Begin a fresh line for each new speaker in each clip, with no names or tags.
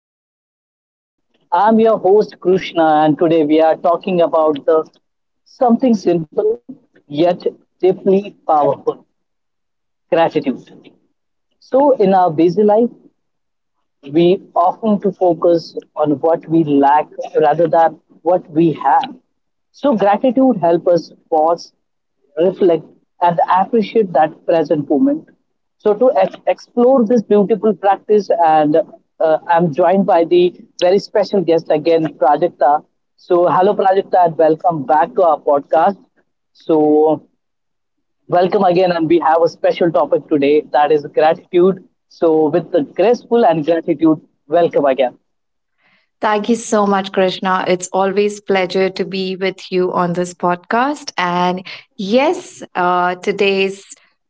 to our podcast. I'm your host Krishna, and today we are talking about the something simple yet deeply powerful gratitude. So, in our busy life, we often to focus on what we lack rather than what we have. So gratitude helps us pause, reflect, and appreciate that present moment. So to explore this beautiful practice, and I'm joined by the very special guest again, Prajakta. So hello, Prajakta, and welcome back to our podcast. So, welcome again, and we have a special topic today that is gratitude. So, with the graceful and gratitude, welcome again.
Thank you so much, Krishna. It's always pleasure to be with you on this podcast. And yes, today's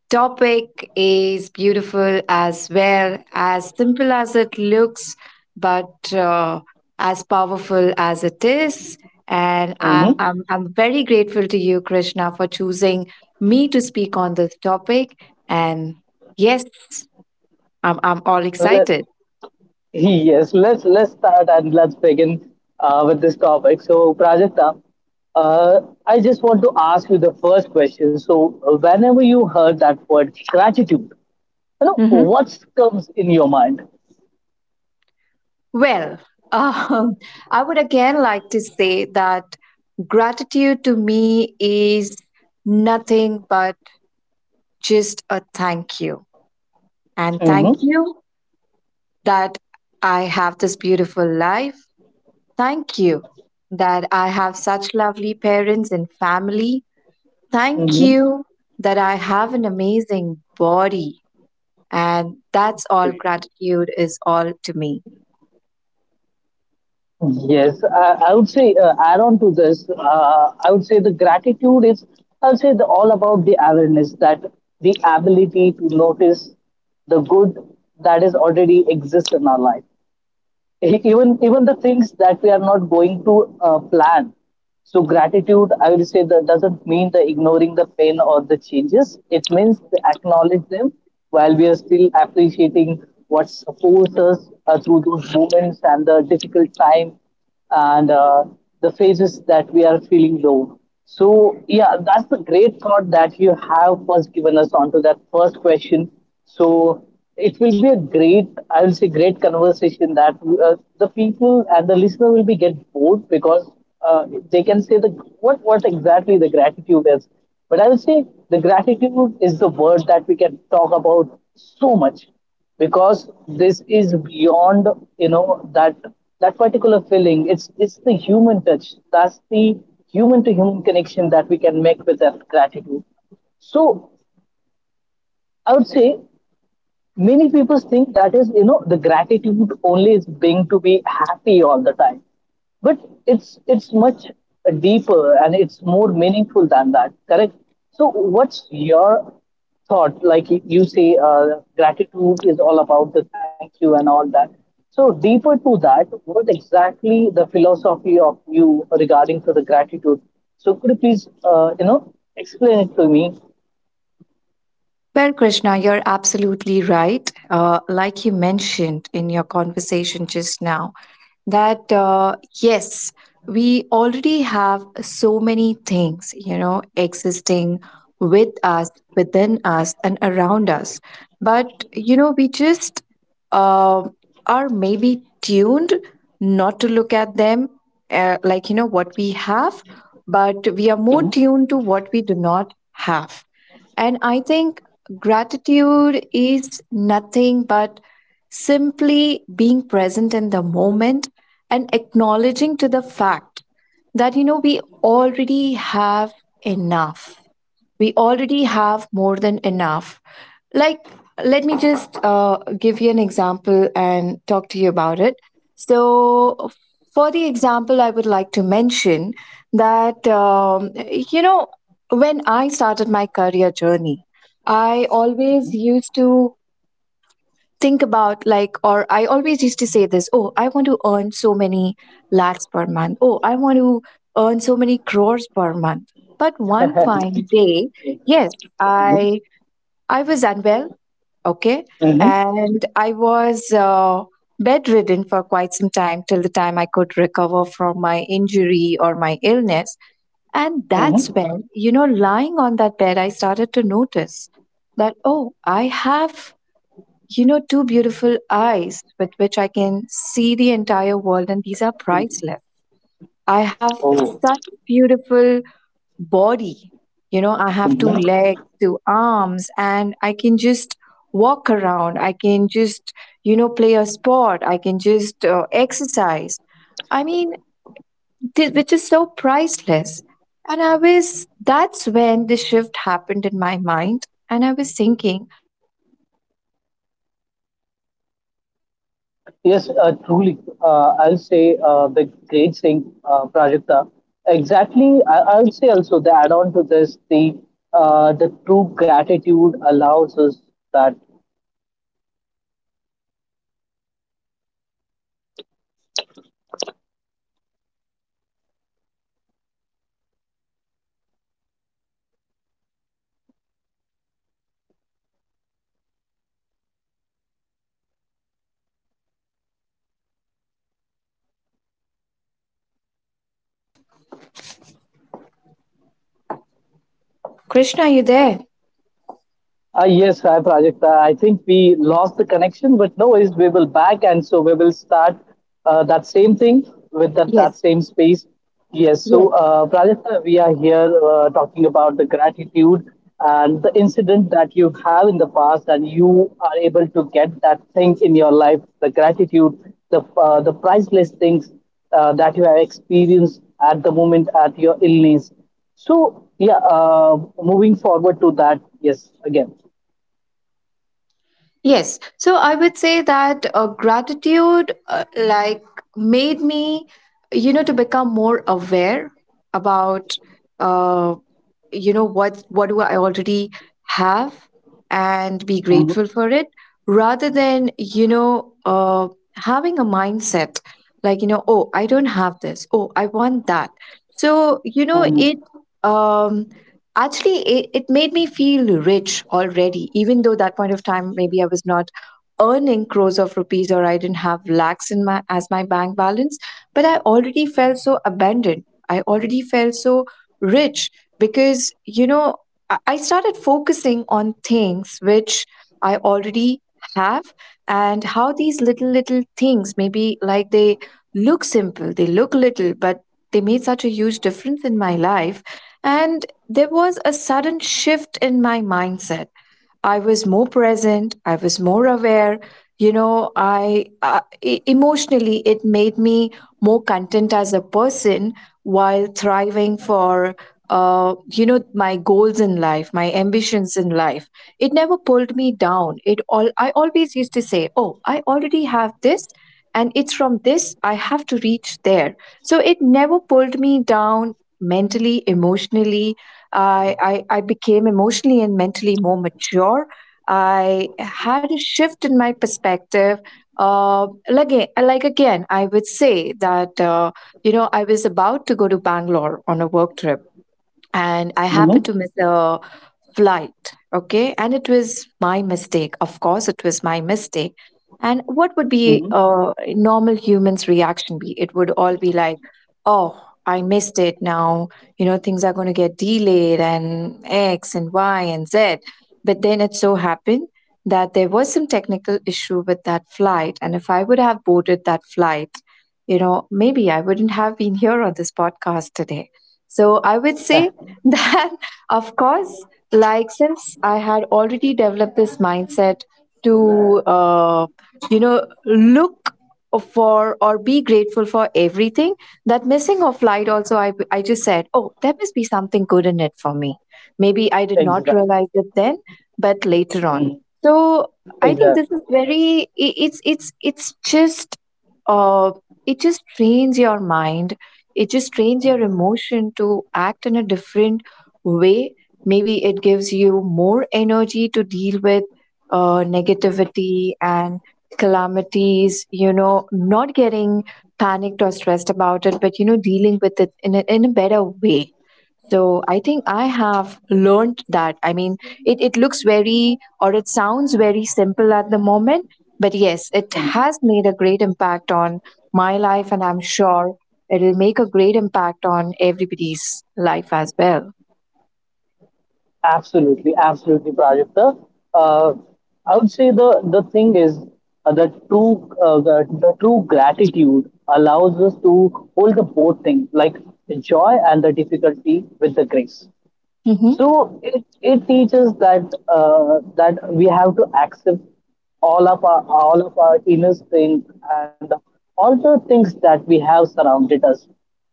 topic is beautiful as well, as simple as it looks, but as powerful as it is. And I'm,
Mm-hmm.
I'm, I'm very grateful to you, Krishna, for choosing me to speak on this topic. And yes, I'm all
Let,
excited.
yes, let's start and let's begin with this topic. So, Prajakta, uh, I just want to ask you the first question. So, whenever you heard that word gratitude, you know what comes in your mind?
Well, um, I would again like to say that gratitude to me is nothing but just a thank you. And thank
Mm-hmm.
you that I have this beautiful life. Thank you that I have such lovely parents and family. Thank
Mm-hmm.
you that I have an amazing body. And that's all gratitude is all to me.
Yes, I would say add on to this. I would say the gratitude is, all about the awareness that the ability to notice the good that is already exists in our life, even the things that we are not going to plan. So gratitude, I would say that doesn't mean the ignoring the pain or the changes. It means to acknowledge them while we are still appreciating what supports us through those moments and the difficult time and the phases that we are feeling low. So yeah, that's the great thought that you have first given us onto that first question. So it will be a great, I will say, great conversation that the people and the listener will be get bored because uh, they can say the what exactly the gratitude is. But I will say the gratitude is the word that we can talk about so much, because this is beyond you know that that particular feeling. It's the human touch, that's the human to human connection that we can make with that gratitude. So I would say many people think that is the gratitude only is being to be happy all the time, but it's much deeper and it's more meaningful than that, correct? So what's your thought? Like, you say gratitude is all about the thank you and all that. So deeper to that, what exactly the philosophy of you regarding to the gratitude? So could you please explain it to me?
Well, Krishna, you're absolutely right. Like you mentioned in your conversation just now, that yes, we already have so many things, you know, existing with us, within us, and around us, but you know, we just uh, are maybe tuned not to look at them, like, you know, what we have, but we are more
Mhm.
tuned to what we do not have. And I think gratitude is nothing but simply being present in the moment and acknowledging to the fact that, you know, we already have enough. We already have more than enough. Like, let me just give you an example and talk to you about it. So for the example, I would like to mention that, you know, when I started my career journey, I always used to think about, like, or I always used to say this: oh, I want to earn so many lakhs per month, oh, I want to earn so many crores per month. But one fine day, yes, i I was unwell, okay.
Mhm.
And I was bedridden for quite some time, till the time I could recover from my injury or my illness. And that's
Mhm.
when, you know, lying on that bed, I started to notice that, oh, I have, you know, two beautiful eyes with which I can see the entire world, and these are priceless. I have such beautiful body. You know, I have two
Mhm.
legs, two arms, and I can just walk around. I can just, you know, play a sport. I can just exercise. I mean, which is so priceless. And I was, that's when the shift happened.
Yes, truly. I'll say the great thing, Prajakta. Exactly. I'll say also the add on to this. The the true gratitude allows us that.
Krishna, are you there?
Yes, hi Prajakta. I think we lost the connection, but no worries. We will back, and so we will start that same thing, with that,
Yes,
that same space. Yes.
yes,
So Prajakta, we are here talking about the gratitude and the incident that you have in the past, and you are able to get that thing in your life, the gratitude, the priceless things that you have experienced at the moment at your illness. So yeah, moving forward to that, yes, again.
yes. So I would say that gratitude, like, made me, you know, to become more aware about, uh, you know, what do I already have, and be grateful
Hmm.
for it, rather than, you know, having a mindset like, you know, oh, I don't have this, oh, I want that. So, you know,
Hmm.
it. Um, Actually, it made me feel rich already, even though that point of time maybe I was not earning crores of rupees or I didn't have lakhs in my as my bank balance, but I already felt so abundant. I already felt so rich, because, you know, I started focusing on things which I already have, and how these little little things, maybe, like, they look simple, they look little, but they made such a huge difference in my life. And there was a sudden shift in my mindset. I was more present, I was more aware. You know, I emotionally, it made me more content as a person, while thriving for, you know, my goals in life, my ambitions in life. It never pulled me down. It all, I always used to say, oh, I already have this. And it's from this I have to reach there. So it never pulled me down mentally, emotionally. I became emotionally and mentally more mature. I had a shift in my perspective. Uh, like, like again, I would say that, you know, I was about to go to Bangalore on a work trip, and I happened
Hmm.
to miss a flight. Okay, and it was my mistake, of course it was my mistake. And what would be
Hmm.
a normal human's reaction be? It would all be like, oh, I missed it, now, you know, things are going to get delayed and x and y and z. But then it so happened that there was some technical issue with that flight, and if I would have boarded that flight, you know, maybe I wouldn't have been here on this podcast today. So I would say that, of course, like, since I had already developed this mindset to, you know, look for or be grateful for everything, that missing of flight, also I just said, oh, there must be something good in it for me. Maybe I did not
Exactly.
realize it then, but later on.
Hmm.
So I think this
Exactly.
is very, it's just, uh, it just trains your mind, it just trains your emotion to act in a different way. Maybe it gives you more energy to deal with negativity and calamities, you know, not getting panicked or stressed about it, but, you know, dealing with it in a better way. So I think I have learned that, I mean, it looks very, or it sounds very simple at the moment, but yes, it has made a great impact on my life, and I'm sure it'll make a great impact on everybody's life as well.
Absolutely. Absolutely, Prajakta. Uh, I would say the thing is, uh, the true uh, the, the true gratitude allows us to hold the both things, like the joy and the difficulty, with the grace.
Mm-hmm.
So it teaches that we have to accept all of our inner strength and all the things that we have surrounded us.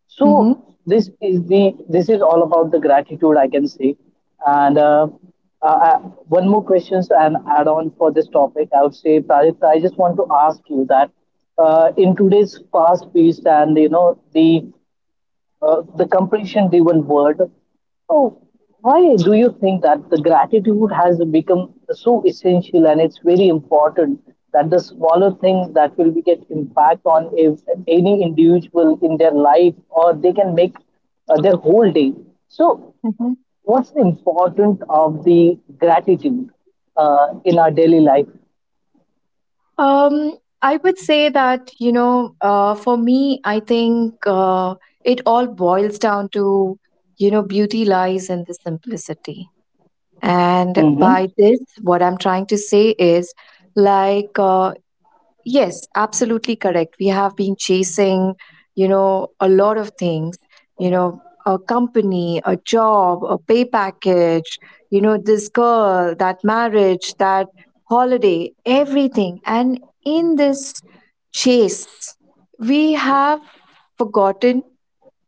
So
Mm-hmm.
this is all about the gratitude, I can say. And uh, uh, one more question and add on for this topic. I would say, Prajita, I just want to ask you that in today's fast paced and the completion driven word. Oh, why do you think that the gratitude has become so essential and it's very important that the smaller things that will be get impact on if any individual in their life, or they can make their whole day. So,
Mm-hmm.
what's the importance of the gratitude in our daily life?
I would say that, you know, for me, I think it all boils down to, you know, beauty lies in the simplicity. And
Mm-hmm.
by this, what I'm trying to say is, like, yes, absolutely correct. We have been chasing, you know, a lot of things, you know, a company, a job, a pay package, you know, this girl, that marriage, that holiday, everything. And in this chase, we have forgotten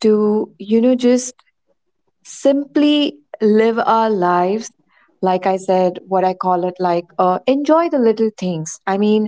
to, you know, just simply live our lives, like I said, what I call it, like, enjoy the little things. I mean,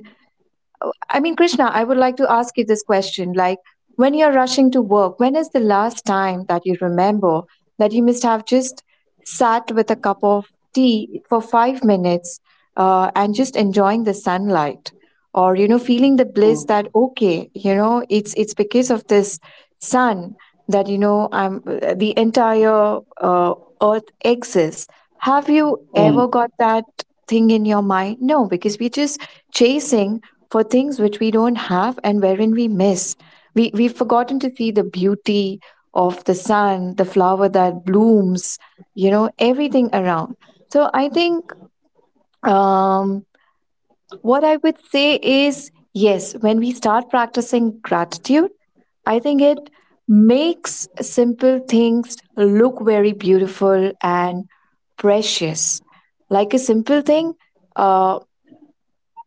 I mean, Krishna, I would like to ask you this question. Like, when you're rushing to work, when is the last time that you remember that you must have just sat with a cup of tea for 5 minutes, and just enjoying the sunlight? Or, you know, feeling the bliss
Mm-hmm.
that, okay, you know, it's because of this sun that, you know, I'm, the entire earth exists. Have you
Mm-hmm.
ever got that thing in your mind? No, because we just chasing for things which we don't have and wherein we miss. We've forgotten to see the beauty of the sun, the flower that blooms, you know, everything around. So I think, um, what I would say is, yes, when we start practicing gratitude, I think it makes simple things look very beautiful and precious. Like a simple thing. uh.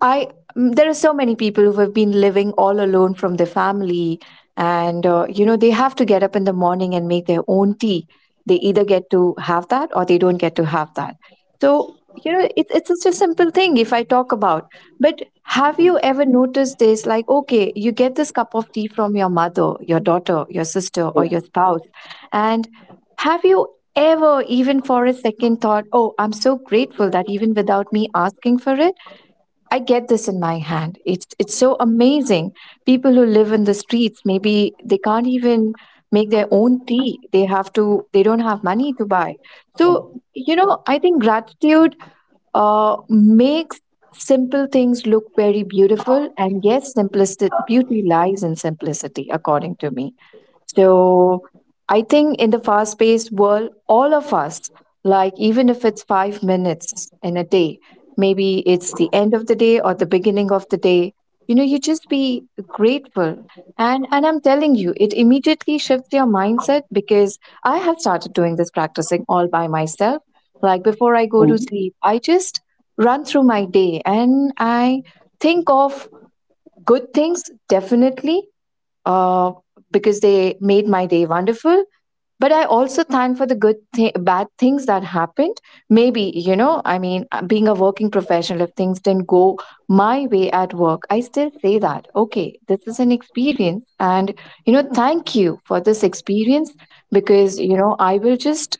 I there are so many people who have been living all alone from their family, and you know, they have to get up in the morning and make their own tea. They either get to have that or they don't get to have that. So you know, it's such a simple thing if I talk about. But have you ever noticed this? Like, okay, you get this cup of tea from your mother, your daughter, your sister,
Yeah.
or your spouse, and have you ever even for a second thought, oh, I'm so grateful that even without me asking for it I get this in my hand. It's so amazing. People who live in the streets, maybe they can't even make their own tea. They have to. They don't have money to buy. So you know, I think gratitude makes simple things look very beautiful. And yes, simplicity, beauty lies in simplicity, according to me. So I think in the fast paced world, all of us, like, even if it's 5 minutes in a day, maybe it's the end of the day or the beginning of the day, you know, you just be grateful. And I'm telling you, it immediately shifts your mindset because I have started doing this, practicing all by myself. Like before I go to
Mm-hmm.
sleep, I just run through my day and I think of good things, definitely, uh, because they made my day wonderful. But I also thank for the good, bad things that happened. Maybe, you know, I mean, being a working professional, if things didn't go my way at work, I still say that, okay, this is an experience. And, you know, thank you for this experience because, you know, I will just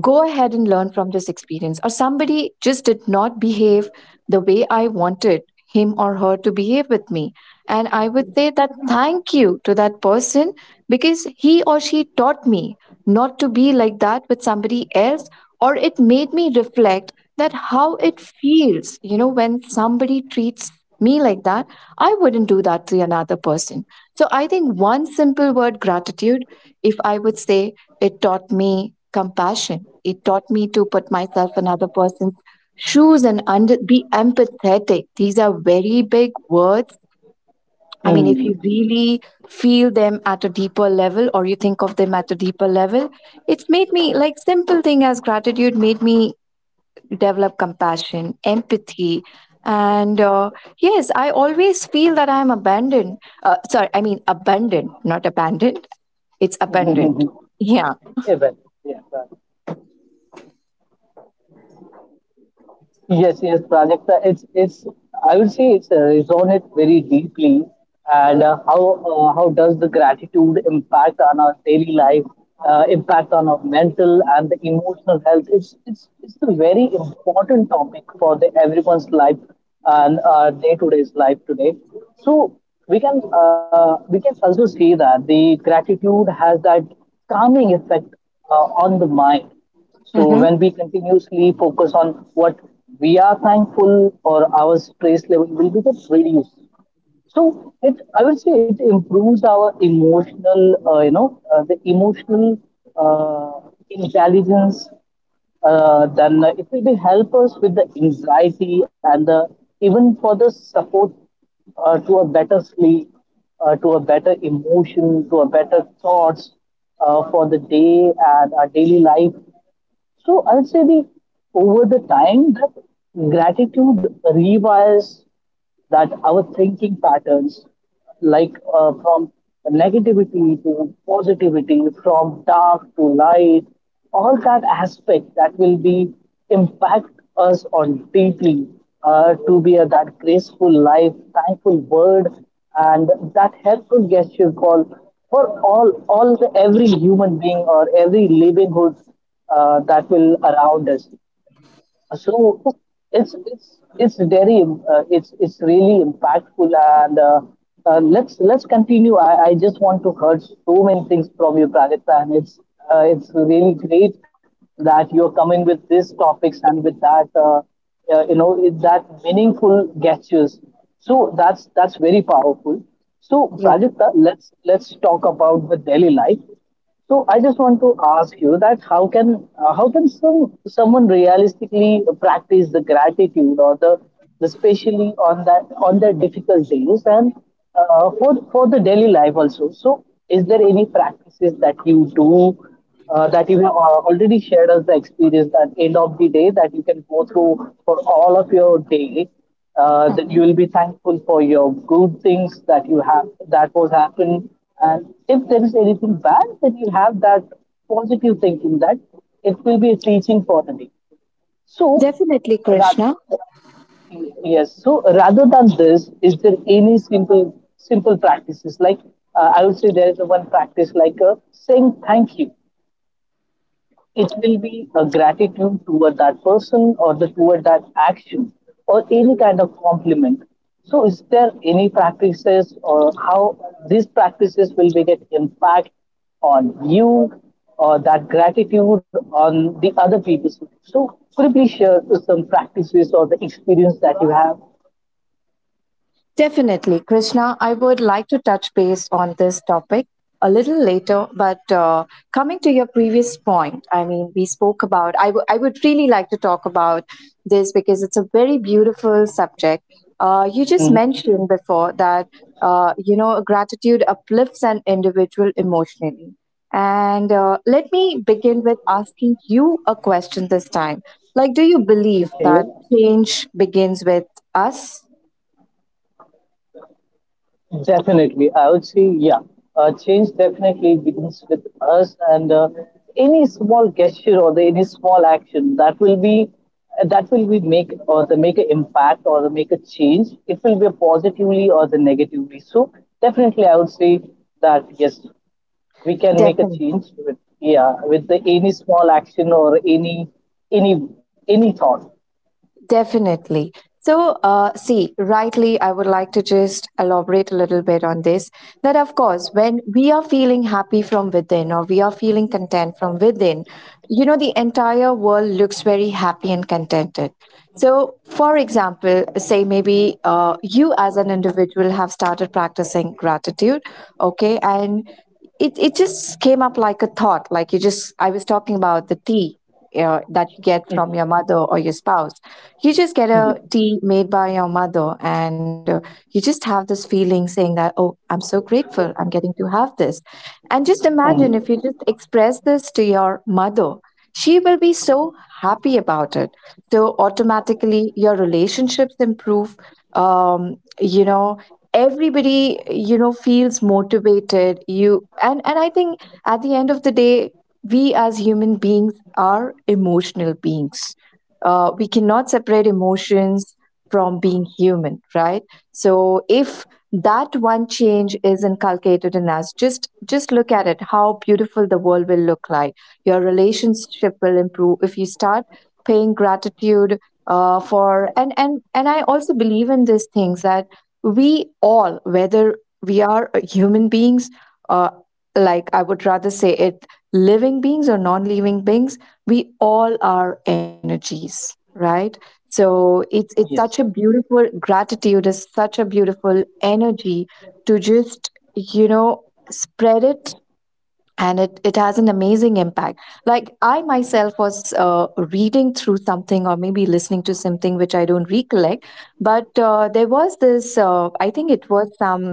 go ahead and learn from this experience. Or somebody just did not behave the way I wanted him or her to behave with me, and I would say that thank you to that person because he or she taught me not to be like that with somebody else. Or it made me reflect that how it feels, you know, when somebody treats me like that, I wouldn't do that to another person. So I think one simple word, gratitude, if I would say, it taught me compassion. It taught me to put myself in other person's shoes and under, be empathetic. These are very big words. I mean, if you
Mm-hmm.
really feel them at a deeper level or you think of them at a deeper level, it's made me, like, simple thing as gratitude made me develop compassion, empathy. And yes, I always feel that I'm abandoned. Sorry, I mean, abundant, not abandoned. It's abundant. Yeah.
Yeah. Well, yeah. Well. Yes, yes, Prajakta. It's it's. I would say it's resonate very deeply, and how does the gratitude impact on our daily life, impact on our mental and the emotional health? It's a very important topic for the everyone's life and our day to day's life today. So we can, also see that the gratitude has that calming effect on the mind, so when we continuously focus on what we are thankful, or our stress level will be just reduced. So, it, I would say it improves our emotional, you know, the emotional intelligence. Then it will be help us with the anxiety, and the even for the support to a better sleep, to a better emotion, to a better thoughts for the day and our daily life. So I would say, the over the time that gratitude rewires that our thinking patterns, like from negativity to positivity, from dark to light, all that aspect that will be impact us on deeply to be that graceful life, thankful word, and that helpful gesture call for all the, every human being or every living hood that will around us. So it's very, it's really impactful, and let's continue. I just want to hear so many things from you, Pradipta, and it's really great that you're coming with these topics and with that you know it, that meaningful gestures. So that's very powerful. So
Yeah.
Prajakta, let's talk about the daily life. So I just want to ask you that how can, uh, how can some someone realistically practice the gratitude, or the especially on that on their difficult days, and for the daily life also. So is there any practices that you do, that you have already shared us the experience, that end of the day that you can go through for all of your day, that you will be thankful for your good things that you have that was happened, and if there is anything bad, then you have that positive thinking that it will be a teaching for the day. So
Definitely,
ra-
Krishna.
yes, so rather than this, is there any simple practices, like I would say there is one practice like, saying thank you? It will be a gratitude toward that person, or the toward that action, or any kind of compliment. So is there any practices, or how these practices will make an impact on you or that gratitude on the other people? So could you please share some practices or the experience that you have?
Definitely, Krishna. I would like to touch base on this topic a little later, but coming to your previous point, I mean, we spoke about, I would really like to talk about this because it's a very beautiful subject. You just
Mhm.
mentioned before that, you know, gratitude uplifts an individual emotionally. And let me begin with asking you a question this time. Like, do you believe
Okay.
that change begins with us?
Definitely, I would say, yeah. Change definitely begins with us, and any small gesture, or any small action that will be, make, or the make an impact, or the make a change. It will be positively or the negatively. So definitely, I would say that yes, we can make a
Definitely.
change with, yeah, with the any small action or any thought.
Definitely. So, see, rightly, I would like to just elaborate a little bit on this that, of course, when we are feeling happy from within or we are feeling content from within, you know, the entire world looks very happy and contented. So, for example, say maybe you as an individual have started practicing gratitude, okay, and it just came up like a thought, like you just, I was talking about the tea that you get from your mother or your spouse. You just get a
Yeah.
tea made by your mother, and you just have this feeling saying that, oh, I'm so grateful, I'm getting to have this. And just imagine
Mm.
if you just express this to your mother, she will be so happy about it. So, automatically, your relationships improve. You know, everybody you know feels motivated you, and I think at the end of the day, we as human beings are emotional beings. We cannot separate emotions from being human, right? So if that one change is inculcated in us, just look at it, how beautiful the world will look like. Your relationship will improve if you start paying gratitude for and I also believe in these things that we all, whether we are human beings, uh, like, I would rather say it living beings or non living beings, we all are energies, right? So it's
Yes.
such a beautiful, gratitude is such a beautiful energy to just, you know, spread it. And it has an amazing impact. Like, I myself was reading through something or maybe listening to something which I don't recollect, but there was this, I think it was some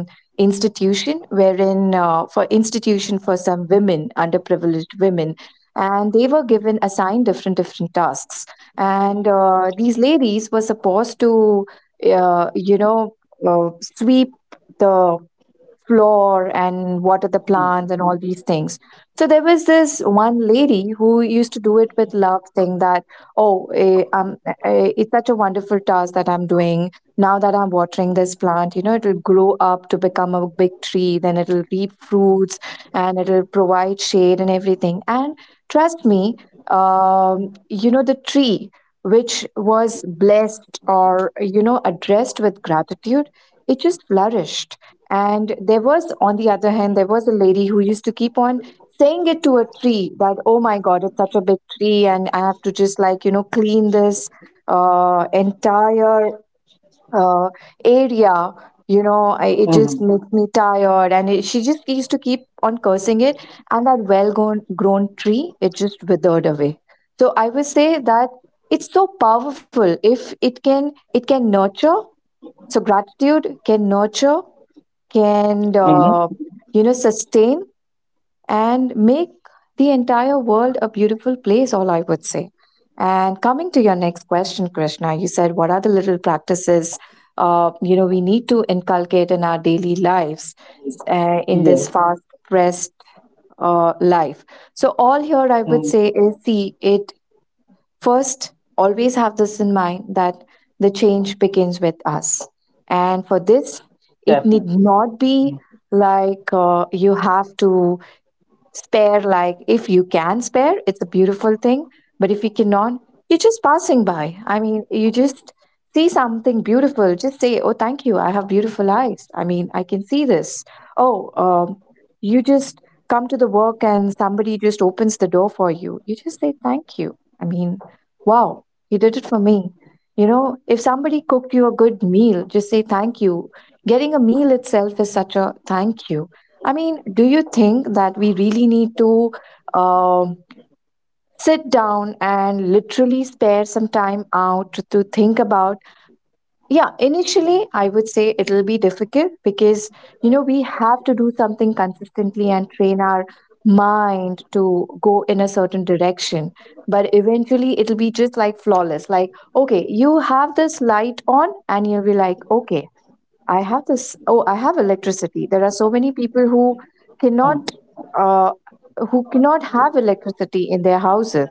institution wherein, for institution for some women, underprivileged women, and they were given assigned different different tasks. And these ladies were supposed to uh, you know uh, sweep the floor and water the plants and all these things. So there was this one lady who used to do it with love, saying that, "Oh, it's such a wonderful task that I'm doing now, that I'm watering this plant. You know, it'll grow up to become a big tree, then it'll reap fruits, and it'll provide shade and everything." And trust me, you know, the tree which was blessed or, you know, addressed with gratitude, it just flourished. And there was, on the other hand, there was a lady who used to keep on saying it to a tree that, oh my God, it's such a big tree, and I have to just, like, you know, clean this entire uh, area. You know, it
Mm-hmm.
just makes me tired. And it, she just used to keep on cursing it. And that grown tree, it just withered away. So I would say that it's so powerful, if it can, it can nurture, so gratitude can nurture, can
Mm-hmm.
you know, sustain and make the entire world a beautiful place, all I would say. And coming to your next question, Krishna, you said, what are the little practices you know, we need to inculcate in our daily lives in
Yes.
this fast pressed life. So all here I
Mm.
would say is, see it. First, always have this in mind that the change begins with us. And for this, it
Definitely.
need not be like you have to spare, like, if you can spare, it's a beautiful thing. But if you cannot, you're just passing by. I mean, you just see something beautiful. Just say, oh, thank you, I have beautiful eyes, I mean, I can see this. Oh, um, you just come to the work and somebody just opens the door for you. You just say, thank you. I mean, wow, he did it for me. You know, if somebody cooked you a good meal, just say, thank you. Getting a meal itself is such a thank you. I mean, do you think that we really need to um, sit down and literally spare some time out to think about? Yeah, initially, I would say it'll be difficult because, you know, we have to do something consistently and train our mind to go in a certain direction. But eventually, it'll be just like flawless. Like, okay, you have this light on, and you'll be like, okay, I have this. Oh, I have electricity. There are so many people cannot, uh, who cannot have electricity in their houses.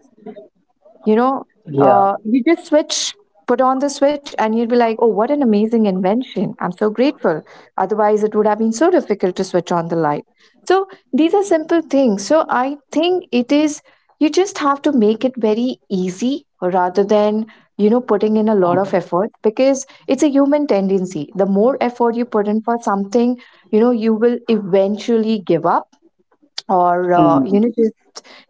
You know,
Yeah,
you just switch, put on the switch, and you'd be like, oh, what an amazing invention, I'm so grateful. Otherwise, it would have been so difficult to switch on the light. So, these are simple things. So, I think it is, you just have to make it very easy rather than, you know, putting in a lot of effort, because it's a human tendency: the more effort you put in for something, you know, you will eventually give up. Or, you
mm,
know,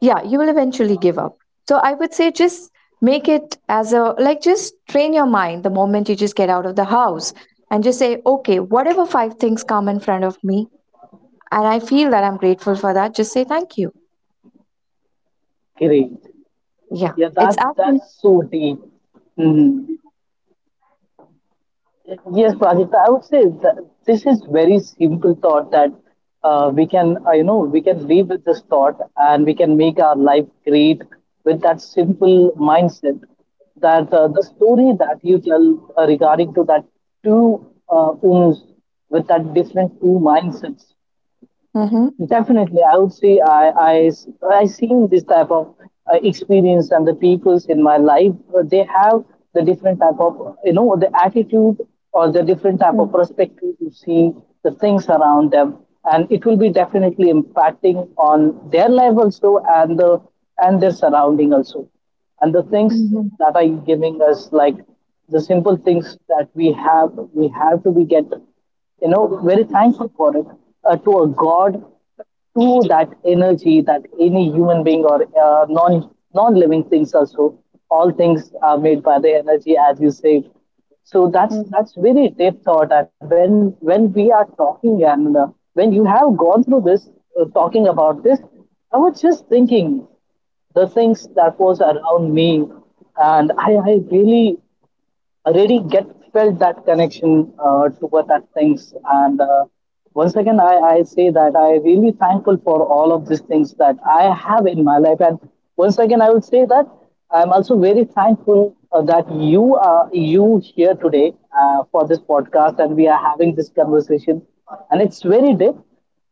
yeah, you will eventually give up. So I would say just make it as a, like, just train your mind the moment you just get out of the house and just say, okay, whatever five things come in front of me and I feel that I'm grateful for, that just say thank you.
great.
Yeah,
Yeah,
it's
that's
actually
that's so deep. Mm. Yes, Prajita, I would say that this is very simple thought that we can live with this thought, and we can make our life great with that simple mindset. That the story that you tell regarding to that two owners with that different two mindsets.
mm-hmm.
Definitely, I would say, I seen this type of experience and the peoples in my life. They have the different type of the attitude, or the different type of
Mm-hmm.
perspective to see the things around them, and it will be definitely impacting on their life also, and the and their surrounding also, and the things
Mm-hmm.
that are giving us, like the simple things that we have, we have to be get, very thankful for it to a god, to that energy, that any human being or non living things also. All things are made by the energy, as you say. So that's very deep thought. And when we are talking, and when you have gone through this, talking about this, I was just thinking the things that was around me, and I really, I really get felt that connection to what that things. And once again, I say that I really thankful for all of these things that I have in my life. And once again, I will say that I'm also very thankful that you here today for this podcast, and we are having this conversation. And it's very deep.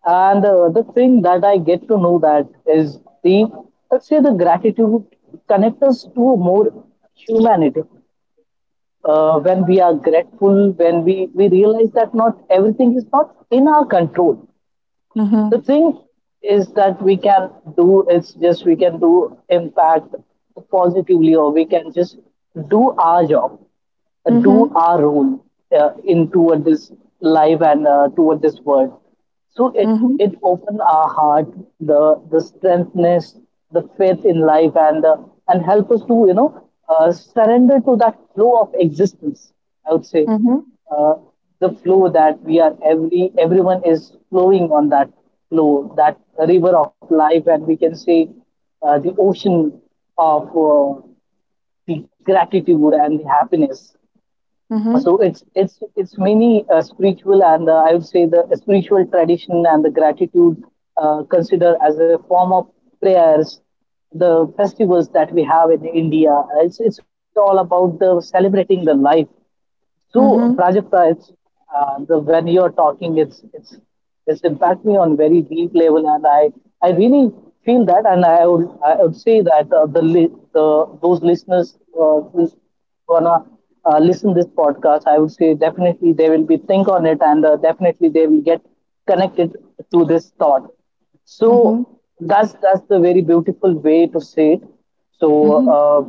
And the thing that I get to know that is the let's say the gratitude connect us to more humanity when we are grateful, when we realize that not everything is not in our control. The
Mm-hmm.
thing is that we can do is just we can do impact positively or we can just do our job
Mm-hmm.
do
Mm-hmm.
our role in toward this life and toward this world. So it
Mm-hmm.
it opened our heart, the strengthness, the faith in life, and and help us to surrender to that flow of existence. I would say
Mm-hmm.
uh, the flow that we are everyone is flowing on that flow, that river of life, and we can say the ocean of the gratitude and the happiness. So it's mainly spiritual, and I would say the spiritual tradition and the gratitude considered as a form of prayers. The festivals that we have in India, it's all about the celebrating the life. So,
Mm-hmm.
Prajakta, it's, the, when you're talking, it's impact me on very deep level, and I really feel that, and I would say that the those listeners who's gonna listen this podcast. I would say definitely they will be think on it, and definitely they will get connected to this thought. So
Mm-hmm.
that's the very beautiful way to say it. So
Hmm.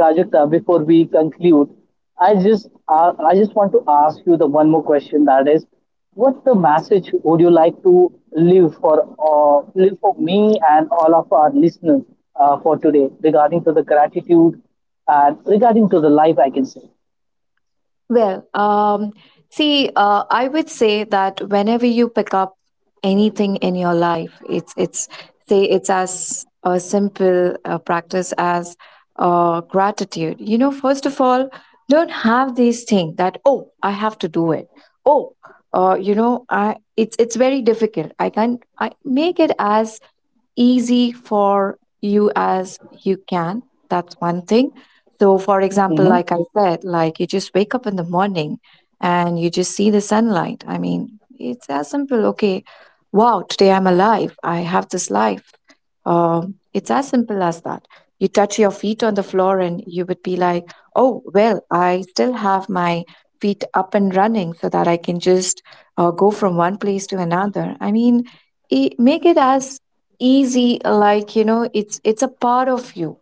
Prajakta, before we conclude, I just want to ask you the one more question. That is, what's the message would you like to leave for leave for me and all of our listeners for today regarding to the gratitude and regarding to the life? I can say.
Well, see, I would say that whenever you pick up anything in your life, it's say it's as a simple practice as gratitude. You know, first of all, don't have this thing that, oh, I have to do it. Oh, you know, I it's very difficult, I can't. I make it as easy for you as you can. That's one thing. So, for example,
Hmm.
like I said, like, you just wake up in the morning and you just see the sunlight. I mean, it's as simple. Okay, wow, today I'm alive, I have this life. It's as simple as that. You touch your feet on the floor and you would be like, oh, well, I still have my feet up and running so that I can just go from one place to another. I mean, make it as easy, like, you know, it's a part of you.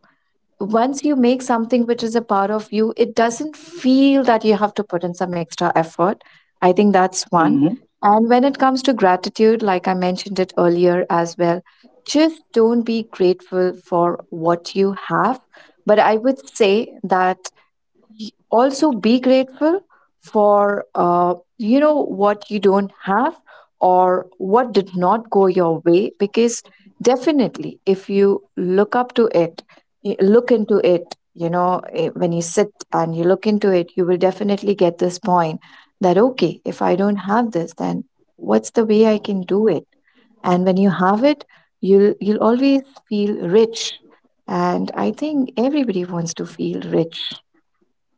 Once you make something which is a part of you, it doesn't feel that you have to put in some extra effort. I think that's one. And when it comes to gratitude, like I mentioned it earlier as well, just don't be grateful for what you have, but I would say that also be grateful for you know, what you don't have or what did not go your way. Because definitely if you look up to it, look into it, you know, when you sit and you look into it, you will definitely get this point, that okay, if I don't have this, then what's the way I can do it. And when you have it, you'll always feel rich. And I think everybody wants to feel rich.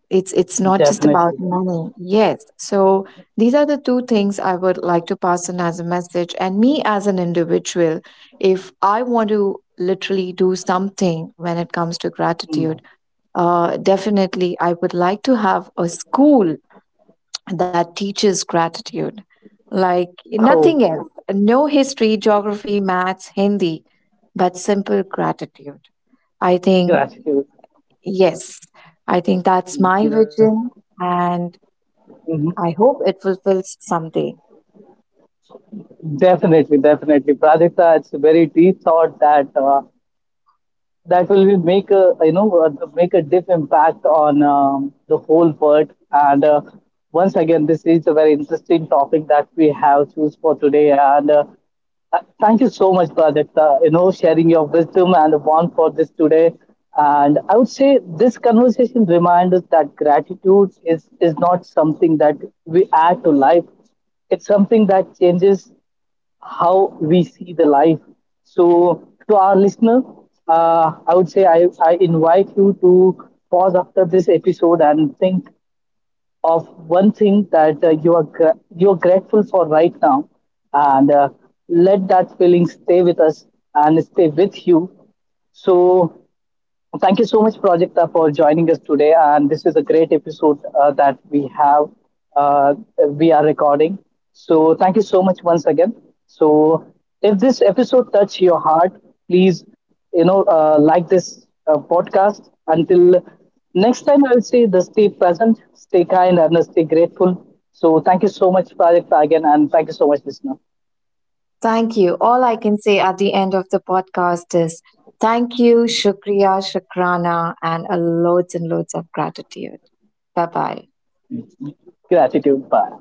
It's not just about
Definitely.
money. Yes, so these are the two things I would like to pass on as a message. And me as an individual, if I want to literally do something when it comes to gratitude,
Mm.
definitely I would like to have a school that teaches gratitude, like nothing
Oh,
else, no history, geography, maths, Hindi, but simple gratitude. I think,
gratitude.
yes, I think that's my
Yes.
vision. And I hope it fulfills someday.
Definitely, definitely, Pradipta. It's a very deep thought that that will be make a make a deep impact on the whole world. And once again, this is a very interesting topic that we have choose for today. And Thank you so much, Pradipta. You know, sharing your wisdom and the bond for this today. And I would say this conversation reminds us that gratitude is not something that we add to life, it's something that changes how we see the life. So, to our listener, I would say I invite you to pause after this episode and think of one thing that you are you're grateful for right now, and let that feeling stay with us and stay with you. So, thank you so much, Projecta, for joining us today. And this is a great episode that we have, uh, we are recording. So thank you so much once again. So if this episode touched your heart, please, you know, like this podcast. Until next time, I will say the stay present, stay kind, and stay grateful. So thank you so much, Projecta, again. And thank you so much, listener.
Thank you. All I can say at the end of the podcast is thank you, Shukriya, Shukrana, and a loads and loads of gratitude. Bye bye.
Gratitude. Bye.